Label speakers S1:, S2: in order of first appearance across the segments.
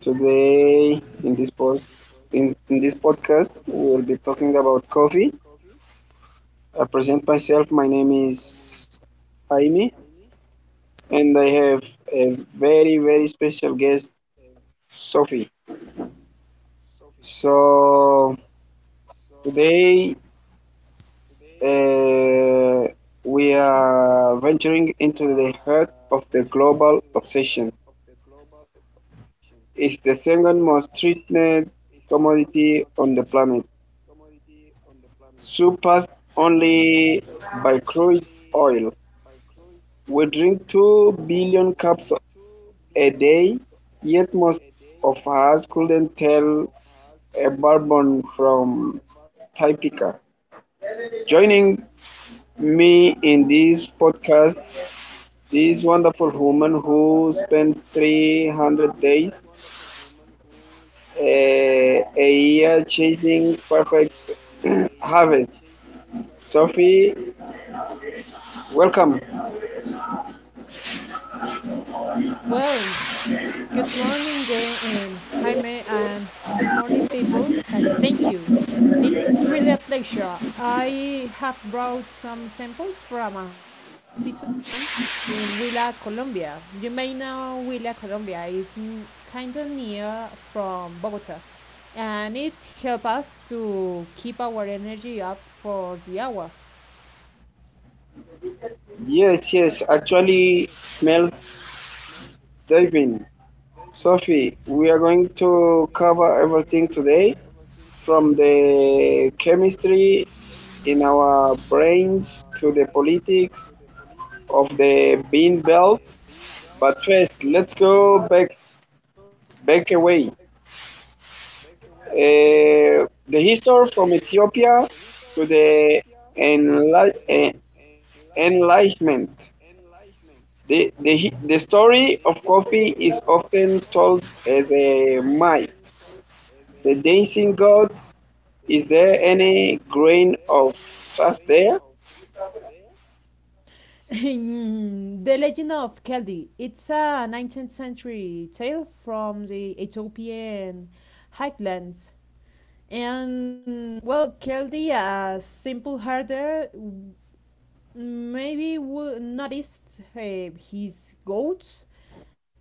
S1: Today in this podcast we'll be talking about coffee. I present myself. My name is Jaime and I have a very very special guest Sophie. So today, uh, we are venturing into the heart of the global obsession. It's the second most treated commodity on the planet, surpassed only by crude oil. We drink 2 billion cups a day, yet most of us couldn't tell a bourbon from Typica. Joining me in this podcast, this wonderful woman who spends 300 days a year chasing perfect harvest. Sophie, welcome.
S2: Well, good morning, Jaime, and good morning, people, and thank you. It's really a pleasure. I have brought some samples from a high altitude farm in Huila, Colombia. You may know Huila, Colombia is kind of near from Bogota, and it helps us to keep our energy up for the hour.
S1: Yes, yes, actually smells diving. Sophie, we are going to cover everything today, from the chemistry in our brains to the politics of the bean belt. But first, let's go back away. The history from Ethiopia to the enli- eh, Enlightenment. The story of coffee is often told as a myth, the dancing gods. Is there any grain of trust there?
S2: The Legend of Keldi. It's a 19th century tale from the Ethiopian highlands. And, well, Keldi, a simple herder, maybe noticed his goats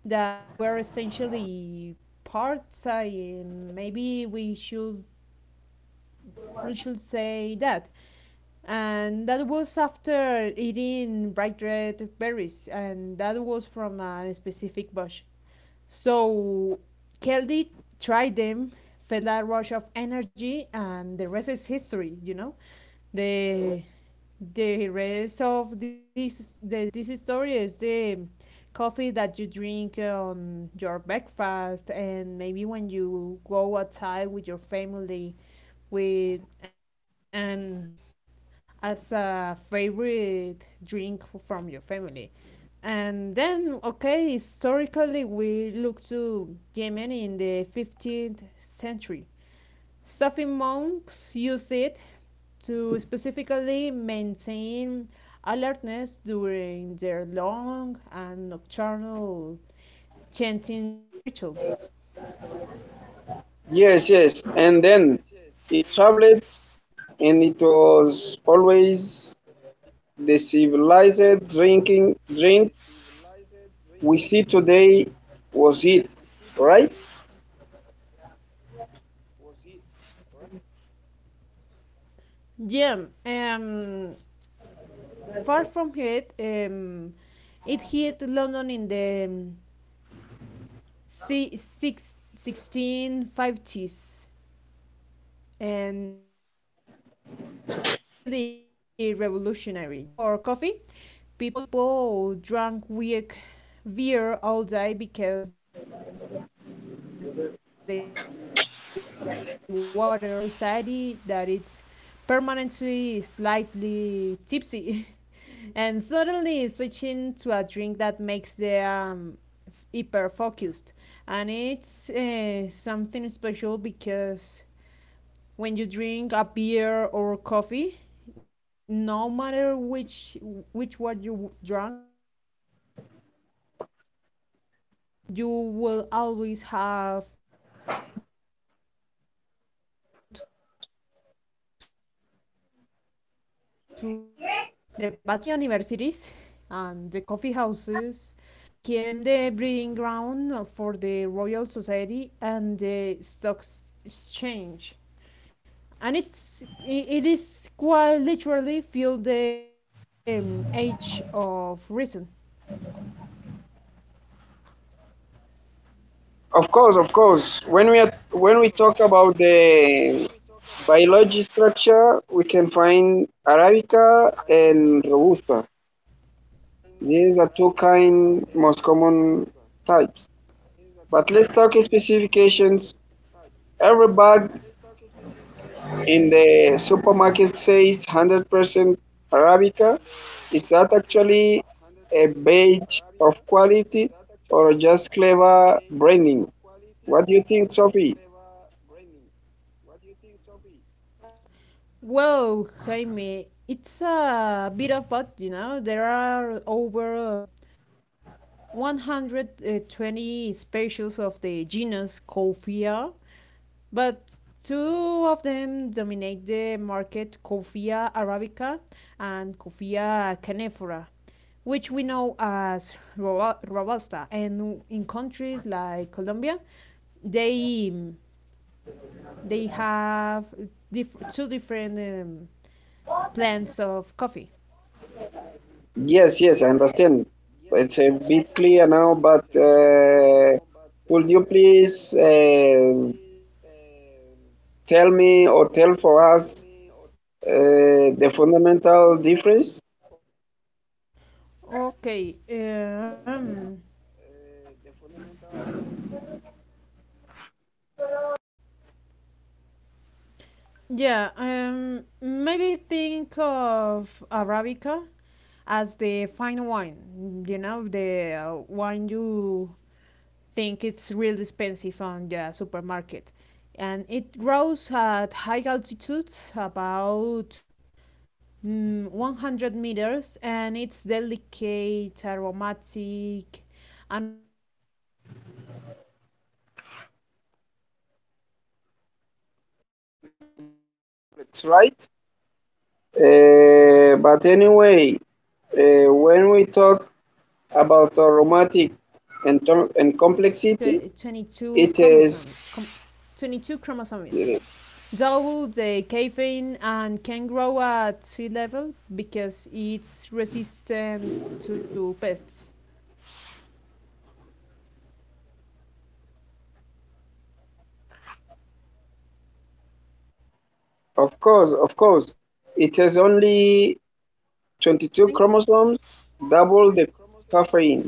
S2: that were essentially parts. Maybe we should say that. And that was after eating bright red berries, and that was from a specific bush. So Kelly tried them, felt that rush of energy, and the rest is history. You know, the the rest of this story is the coffee that you drink on your breakfast and maybe when you go outside with your family with and as a favorite drink from your family. And then, okay, historically, we look to Yemen in the 15th century. Sufi monks use it to specifically maintain alertness during their long and nocturnal chanting rituals.
S1: Yes, yes. And then it traveled, and it was always the civilized drink we see today, was it, right?
S2: Yeah, far from it. It hit London in the C six sixteen fifties, and it was really revolutionary, you know. Before, because before coffee, people drank weak beer all day because the water wasn't safe, and it's kind of funny. So imagine a society that it's permanently slightly tipsy and suddenly switching to a drink that makes them hyper focused. And it's something special because when you drink a beer or coffee, no matter which one you drank, you will always have um, you will always want to pee in your bathroom. So the penny universities and the coffee houses became the breeding ground for the Royal Society and the Stock Exchange. And it is quite literally filled the age of reason.
S1: Of course, of course. When we talk about the biology structure, we can find Arabica and Robusta. These are two kind most common types. But let's talk specifications. Every bag in the supermarket says 100% Arabica. Is that actually a badge of quality or just clever branding? What do you think, Sophie?
S2: Well, Jaime, it's a bit of both, you know. There are over 120 species of the genus Coffea, but two of them dominate the market: Coffea arabica and Coffea canephora, which we know as robusta. And in countries like Colombia, they they have two different plants of coffee.
S1: Yes, yes, I understand. It's a bit clear now, but would you please tell me or tell for us, the fundamental difference?
S2: Okay, yeah, maybe think of Arabica as the fine wine. You know, the wine you think it's real expensive on the supermarket, and it grows high altitudes, about 100 meters, and it's delicate, aromatic, and also complex. It has like 44 chromosomes.
S1: It's
S2: And
S1: right.
S2: Robusta, however,
S1: Uh,
S2: is
S1: but
S2: the
S1: anyway,
S2: sturdy sibling,
S1: when we talk
S2: and it has
S1: about
S2: only
S1: aromatic
S2: 22
S1: and, and
S2: chromosomes.
S1: complexity,
S2: 22
S1: it is,
S2: chromosomes. Though the
S1: uh,
S2: caffeine and can grow at sea level because it's resistant to pests.
S1: of course, it has
S2: Did you want
S1: only
S2: to say something?
S1: 22 chromosomes, double the caffeine,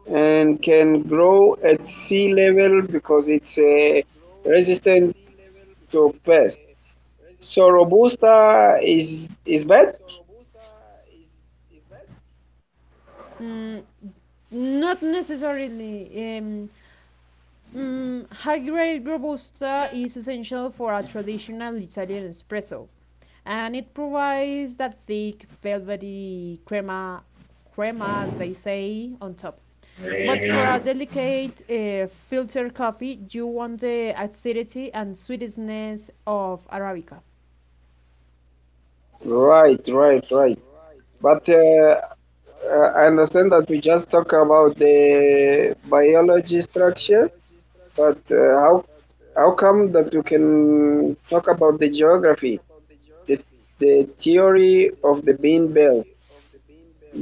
S1: and can grow at sea level because it's resistant to pests. So Robusta is bad?
S2: Mm, not necessarily. High grade Robusta is essential for a traditional Italian espresso, and it provides that thick, velvety crema, crema as they say, on top. But for a delicate filtered coffee, you want the acidity and sweetness of Arabica.
S1: Right, right, right. But I understand that we just talk about the biology structure, but how come that you can talk about the geography, the the theory of the bean belt?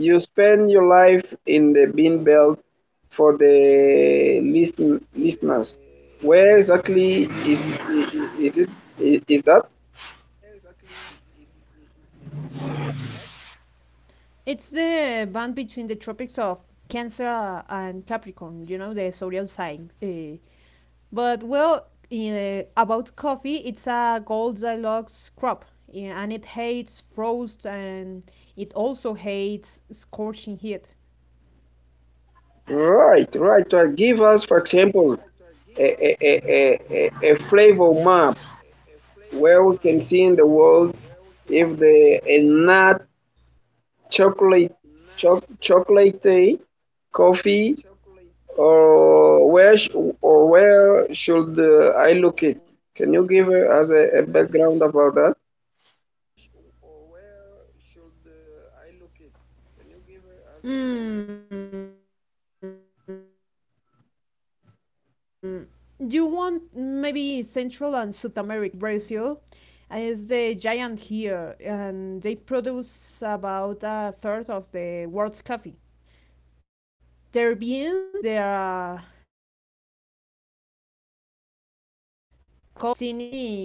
S1: You spend your life in the bean belt for the listeners. Where exactly is it is that?
S2: It's the band between the tropics of Cancer and Capricorn, you know, the zodiac sign. But well, about coffee, it's a Goldilocks crop, yeah, and it hates frost, and it also hates scorching heat.
S1: Right, right, right. Give us, for example, a flavor map where we can see in the world if the a nut, chocolate chocolate tea, coffee or or where should I look it? Can you give us a background about that?
S2: Mm, you want maybe Central and South America, and in this case, talking about Brazil, is the giant here, and they are coffee as you make now the teeny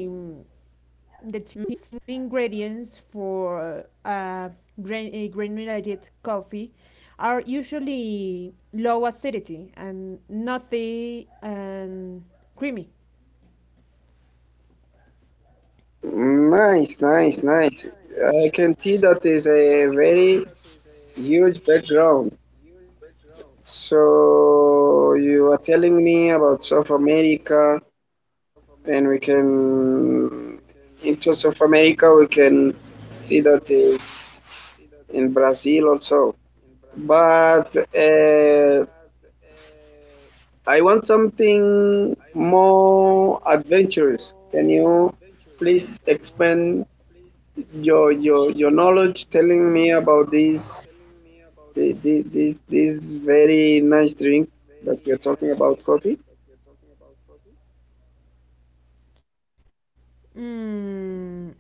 S2: the teeny ingredients for grain granulated coffee are usually low acidity and nutty and creamy.
S1: Nice, nice, nice. I can see that is a very huge background. So you are telling me about South America, and we can, in terms of America, we can see that is in Brazil also. But I want something more adventurous. Can you please expand your knowledge, telling me about this the- this very nice drink that we are talking about, coffee?
S2: Mm,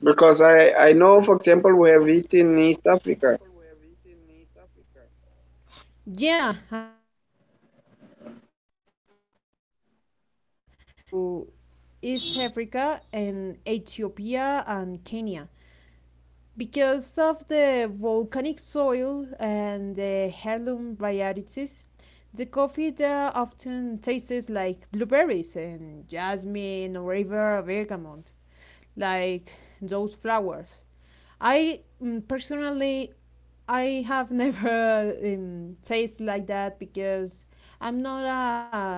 S1: Because I know, for example, we have it in East
S2: mm,
S1: Africa.
S2: yeah, I was thinking about that, and head to East Africa and Ethiopia and Kenya because of the volcanic soil and the heirloom varieties. The coffee there often tastes like blueberries and jasmine or river bergamot, like those flowers. Personally, I have never tasted like that because I'm not a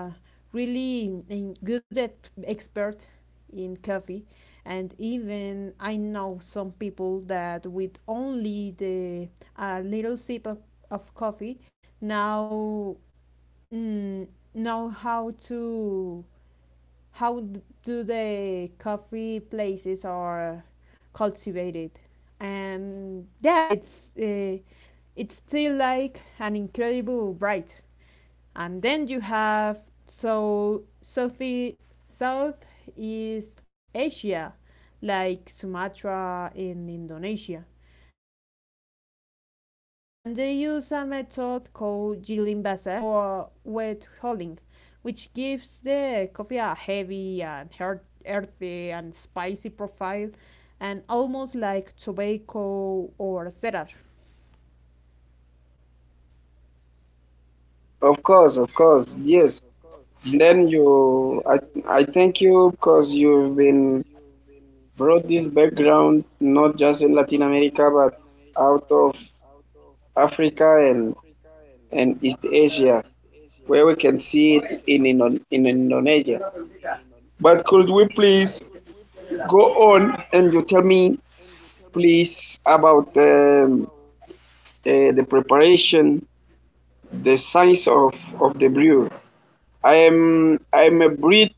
S2: really good at expert in coffee, and even I know some people that with only the a little sip of coffee now mm, know how do the coffee places are cultivated? And yeah, it's still like an incredible bright. And then you have so Southi Southeast Asia, like Sumatra in Indonesia, and they use a method called gilimbase or wet holding, which gives the coffee a heavy and earthy and spicy profile, and almost like tobacco or cedar.
S1: Of course, yes. Then you, I, I thank you because you've been brought this background not just in Latin America but out of Africa and East Asia, where we can see it in Indonesia. But could we please go on and you tell me please about the preparation, the science of the brew. I'm a breed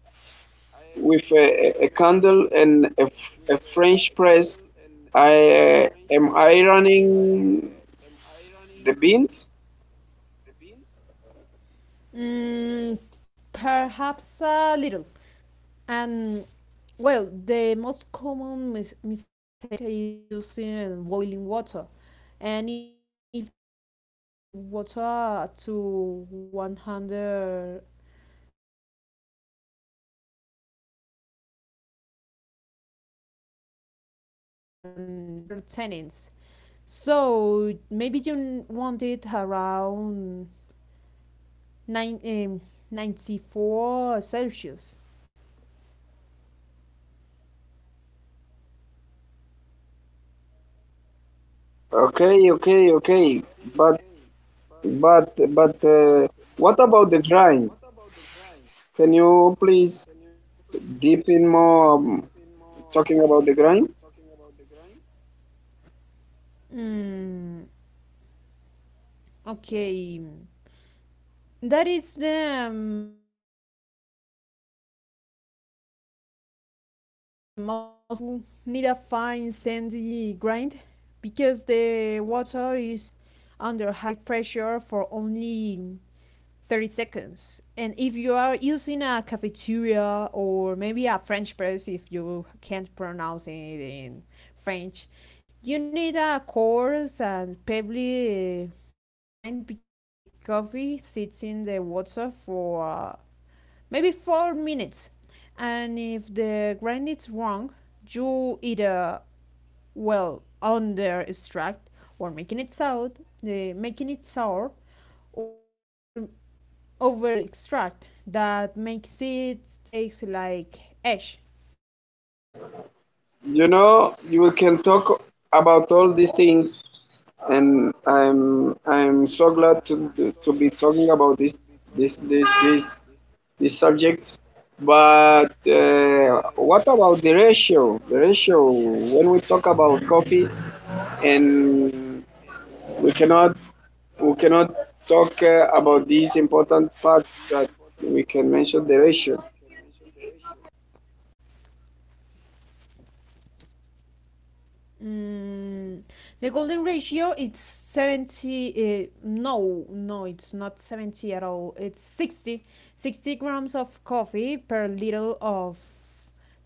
S1: with a candle and a French press. I am ironing the beans.
S2: Mm, perhaps a little. And well, the most common mistake is using boiling water. And if you pour wet water to 100 Celsius onto coffee, you scald it and release releasing bitter tannins. So maybe you want it around nine, um, 94 Celsius.
S1: Okay, okay, okay. But but what about the grind? Can you please deep in more, talking about the grind?
S2: Mm, okay. That is the most critical variable. If you are making espresso, you need a fine sandy grind because the water is under high pressure for only 30 seconds. And if you are using a cafeteria or maybe a French press, if you can't pronounce it in French, you need a coarse and pebbly grind because the coffee sits in the water for maybe 4 minutes. And if the grind is wrong, you either well under extract or making it sour, uh, making it sour, or over extract that makes it taste like ash.
S1: You know, you can talk about all these things, and I'm so glad to be talking about this this this this. The subject. But what about the ratio? The ratio, when we talk about coffee, and we cannot we cannot talk about this important part that we can mention the ratio,
S2: Mm, the golden ratio, it's 70, no, no, it's not 70 at all, it's 60 grams of coffee per little of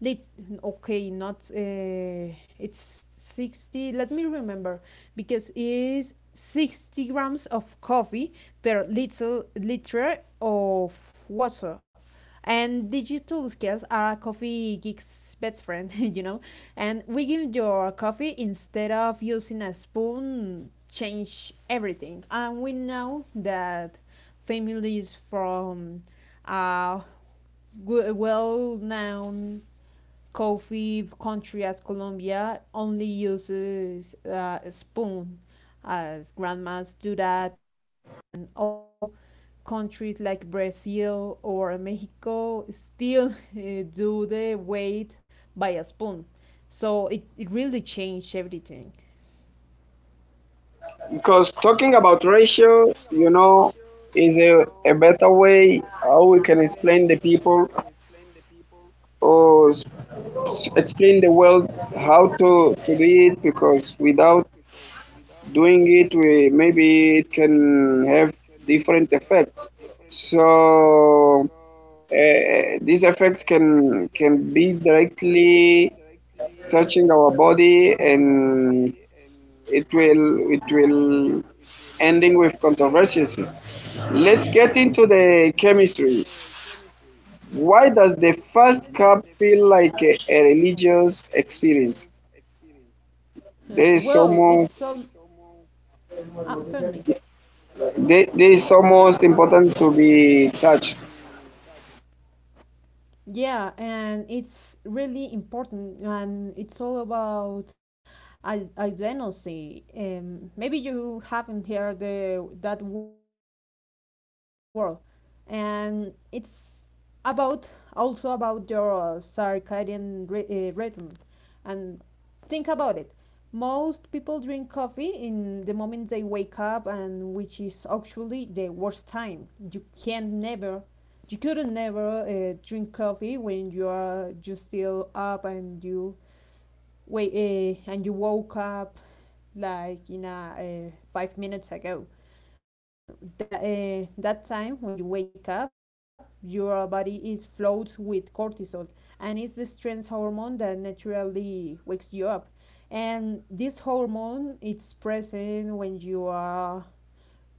S2: lit Okay, not it's 60, let me remember, because it's 60 grams of coffee per little liter of water. And digital scales are coffee geeks best friend, you know, and we give your coffee instead of using a spoon change everything. And we know that families from uh, well known coffee country as Colombia only uses a spoon, as grandmas do that, and also countries like Brazil or Mexico still do the weight by a spoon. So it really changed everything.
S1: because talking about ratio, you know, is a better way how we can explain the people or explain the world how to do it, because without doing it we maybe it can have different effects. So these effects can be directly touching our body and it will ending with controversies. Let's get into the chemistry. Why does the first cup feel like a religious experience?
S2: Huh.
S1: there is
S2: Whoa,
S1: almost
S2: it's so. More. Ah, pardon me.
S1: there is almost important to be touched
S2: Yeah, and it's really important, and it's all about identity. Maybe you haven't heard that word, and it's about also about your circadian rhythm. And think about it. Most people drink coffee in the moment they wake up, and which is actually the worst time. You couldn't never drink coffee when you are just still up, and you wait, and you woke up like 5 minutes ago. And that time when you wake up, your body is flooded with cortisol, and it's the stress hormone naturally wakes you up. And this hormone it's present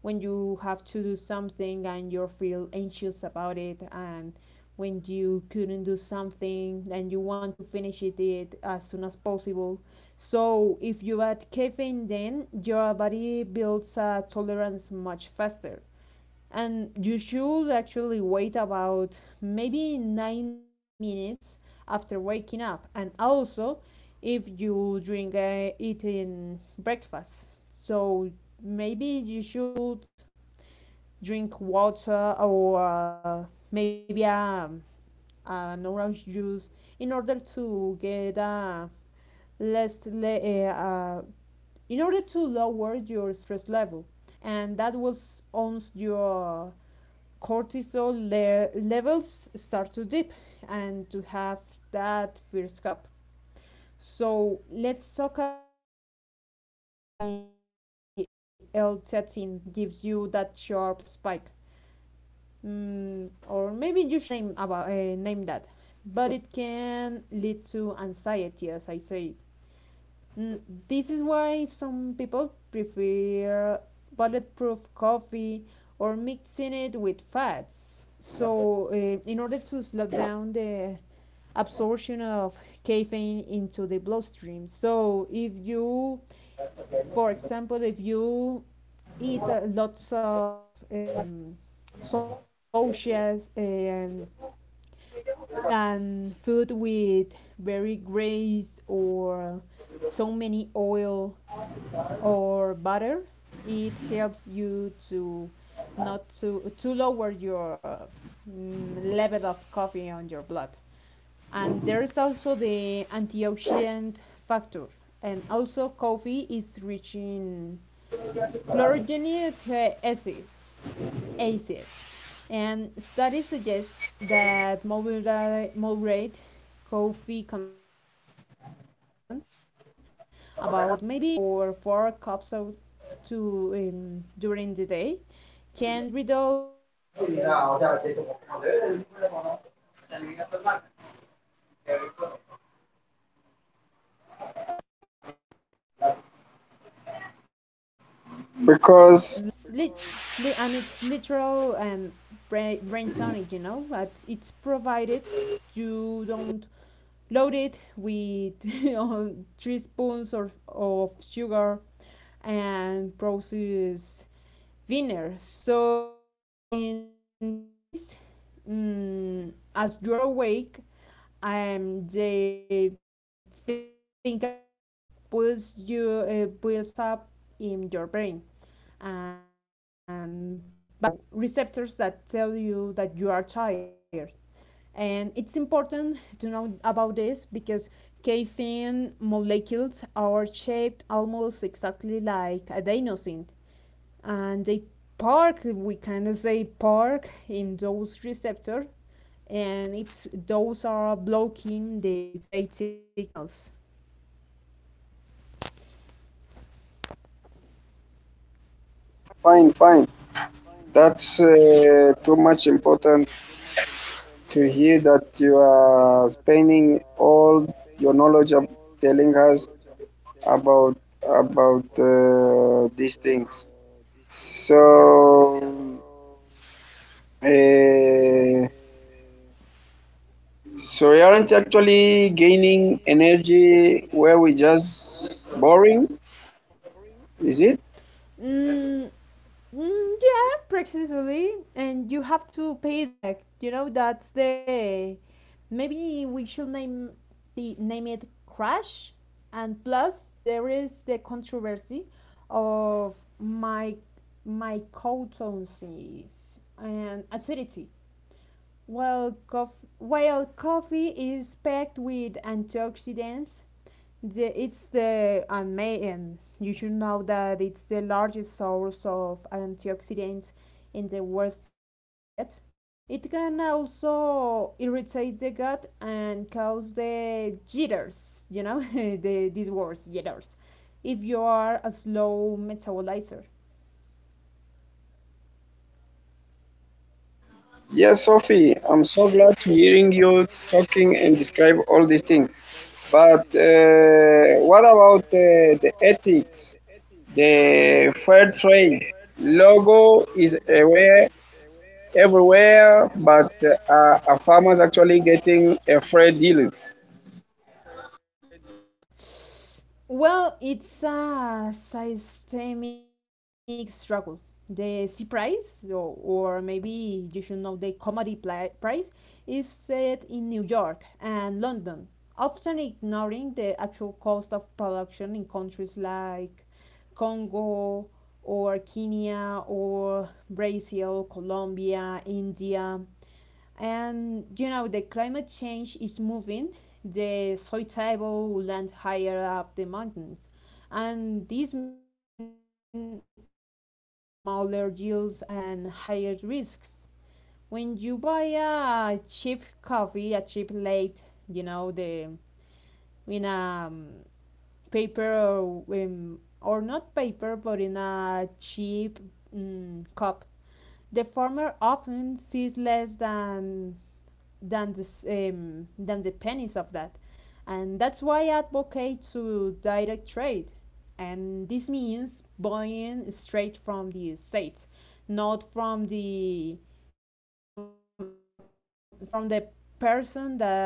S2: when you have to do something and you feel anxious about it, and when you couldn't do something and you want to finish it as soon as possible. So if you add caffeine, then your body builds a tolerance much faster. And you should actually wait about maybe 90 minutes after waking up. And also if you drink it in breakfast. So maybe you should drink water or maybe a an orange juice in order to get a less le- in order to lower your stress level, and that will, once your cortisol levels start to dip and to have that first cup. So let's talk about the L-theanine balance because coffee gives you that sharp spike. Or maybe you should name that, but it can lead to anxiety, as I say. mm, this is why some people prefer bulletproof coffee or mixing it with fats, in order to slow down the absorption of caffeine into the bloodstream. So if you, for example, if you eat lots of sausages and food with very grease or so many oil or butter, it helps you to not to lower your level of coffee on your blood. And there's also the antioxidant factor, and also coffee is rich in chlorogenic acids. And studies suggest that moderate coffee consumption, about maybe three or four cups of to during the day, can reduce the risk of type 2 diabetes, Parkinson, and if we, and even certain types of liver disease. And
S1: because
S2: it's literal and brain sonic, you know, but it's provided you don't load it with you know, three spoons of sugar and process. Winner. So in this case, as you are awake, the think about adenosine pulls you pulls up in your brain and binding to receptors that tell you that you are tired. And it's important to know about this because caffeine molecules are shaped almost exactly like adenosine, and they park, we can say park, in those receptor, and it's those are blocking the phatic signals.
S1: fine fine that's too much important to hear that you are spending all your knowledge of telling us about about these things. So uh, so we aren't actually gaining energy where we just boring, is it?
S2: mm, yeah, precisely, and you have to pay it back, you know, that's the, maybe we should name, the name it crash. And plus there is the controversy of my mycotosis and acidity. Well, coffee is packed with antioxidants. It's the, and, you should know that it's the largest source of antioxidants in the Western diet. It can also irritate the gut and cause the jitters, you know, these words jitters, if you are a slow metabolizer.
S1: Yes, Sophie, I'm so glad to hearing you talking and describe all these things. But what about the ethics? The fair trade logo is aware everywhere, but are farmers actually getting a fair deals?
S2: Well, it's a systemic struggle. The sea price, or maybe you should know the commodity price, is set in New York and London, often ignoring the actual cost of production in countries Congo or Kenya or Brazil, Colombia, India. And you know, the climate change is moving the soil table land higher up the mountains. And this means maybe smaller yields and higher risks. When you buy a cheap coffee, a cheap late, you the in a um, paper, or not paper, but in a cheap cup, the farmer often sees less than this than the pennies of that, and that's why I advocate to direct trade, and this means buying straight from the states, not from the from the person that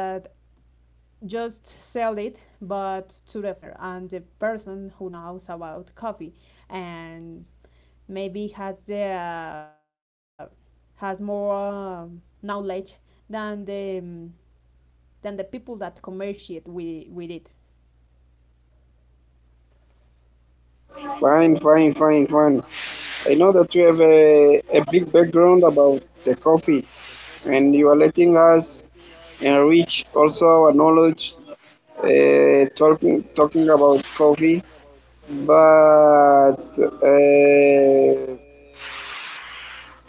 S2: just sell it, but to the farmer and the person who knows about coffee and maybe has more knowledge than the um, than the people that commerciate with it.
S1: Fine, fine, fine, fine. I know that you have a big background about the coffee, and you are letting us enrich also our knowledge, talking about coffee, but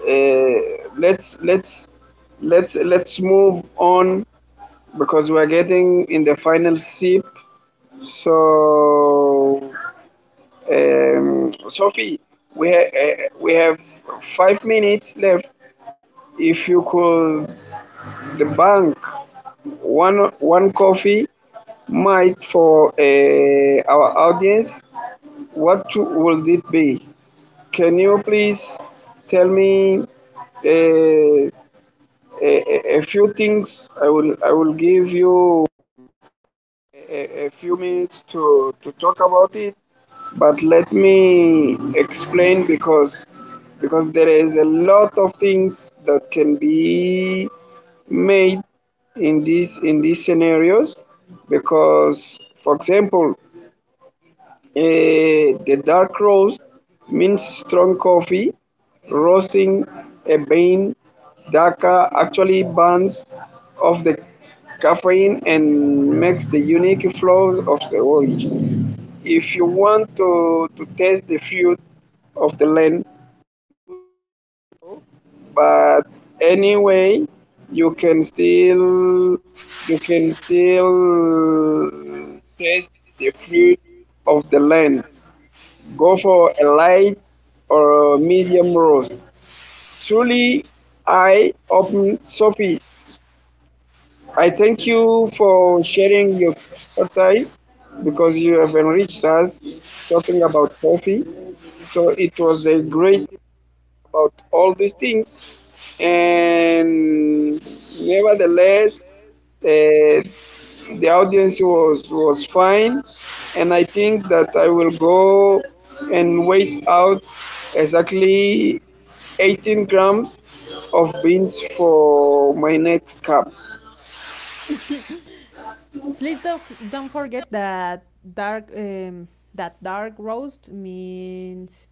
S1: uh, let's let's let's move on because we're getting in the final sip. So, Sophie, we have 5 minutes left. If you could the bank one coffee might for our audience, what would it be? Can you please tell me, a, a few things? I will give you a- few minutes to talk about it, but let me explain, because there is a lot of things that can be made in these scenarios, because for example, the dark roast means strong coffee. Roasting a bean darker actually burns off the caffeine and makes the unique flavors of the orange. If you want to taste the fruit of the land, but anyway, you can still you can still taste the fruit of the land. Go for a light or a medium roast. Truly eye-opening, Sophie. I thank you for sharing your expertise because you have enriched us talking about coffee. So it was a great about all these things, and nevertheless, uh, the audience was fine, and I think that I will go and weigh out exactly 18 grams of beans for my next cup.
S2: Please don't forget that dark um, dark roast means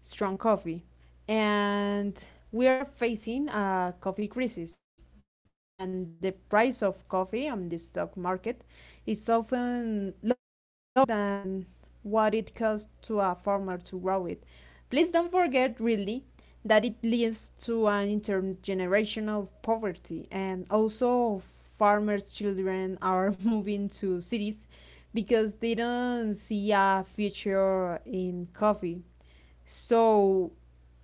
S2: strong coffee, and we are facing a coffee crisis. And the price of coffee on the stock market is often lower than what it costs to a farmer to grow it. Please don't forget, really, that it leads to an intergenerational poverty, and also farmers' children are moving to cities because they don't see a future in coffee. So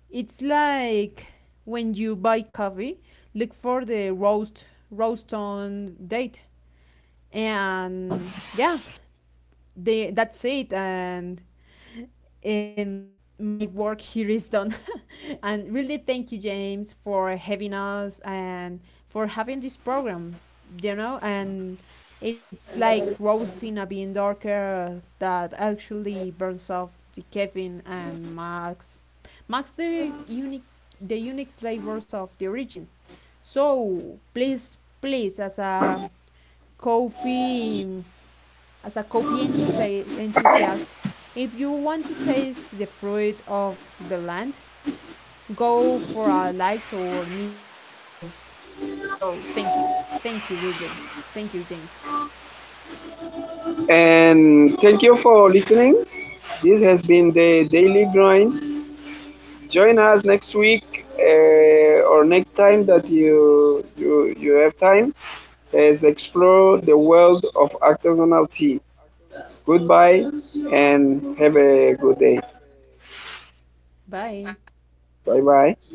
S2: it's like when you buy coffee, look for the roast on date, and yeah, that's it, and in my work here is done. And really, thank you, James, for having us and for having this program. You know, and it's like roasting a bean darker that actually burns off the caffeine and marks the unique flavors of the origin. So please, please, coffee as a coffee enthusiast, if you want to taste the fruit of the land, go for a light or medium toast. So thank you. Thank you, Ridley. Thank you, James.
S1: And thank you for listening. This has been the Daily Grind. Join us next week, or next time that you have time, as explore the world of artisanal tea. Goodbye and have a good day.
S2: Bye.
S1: Bye-bye.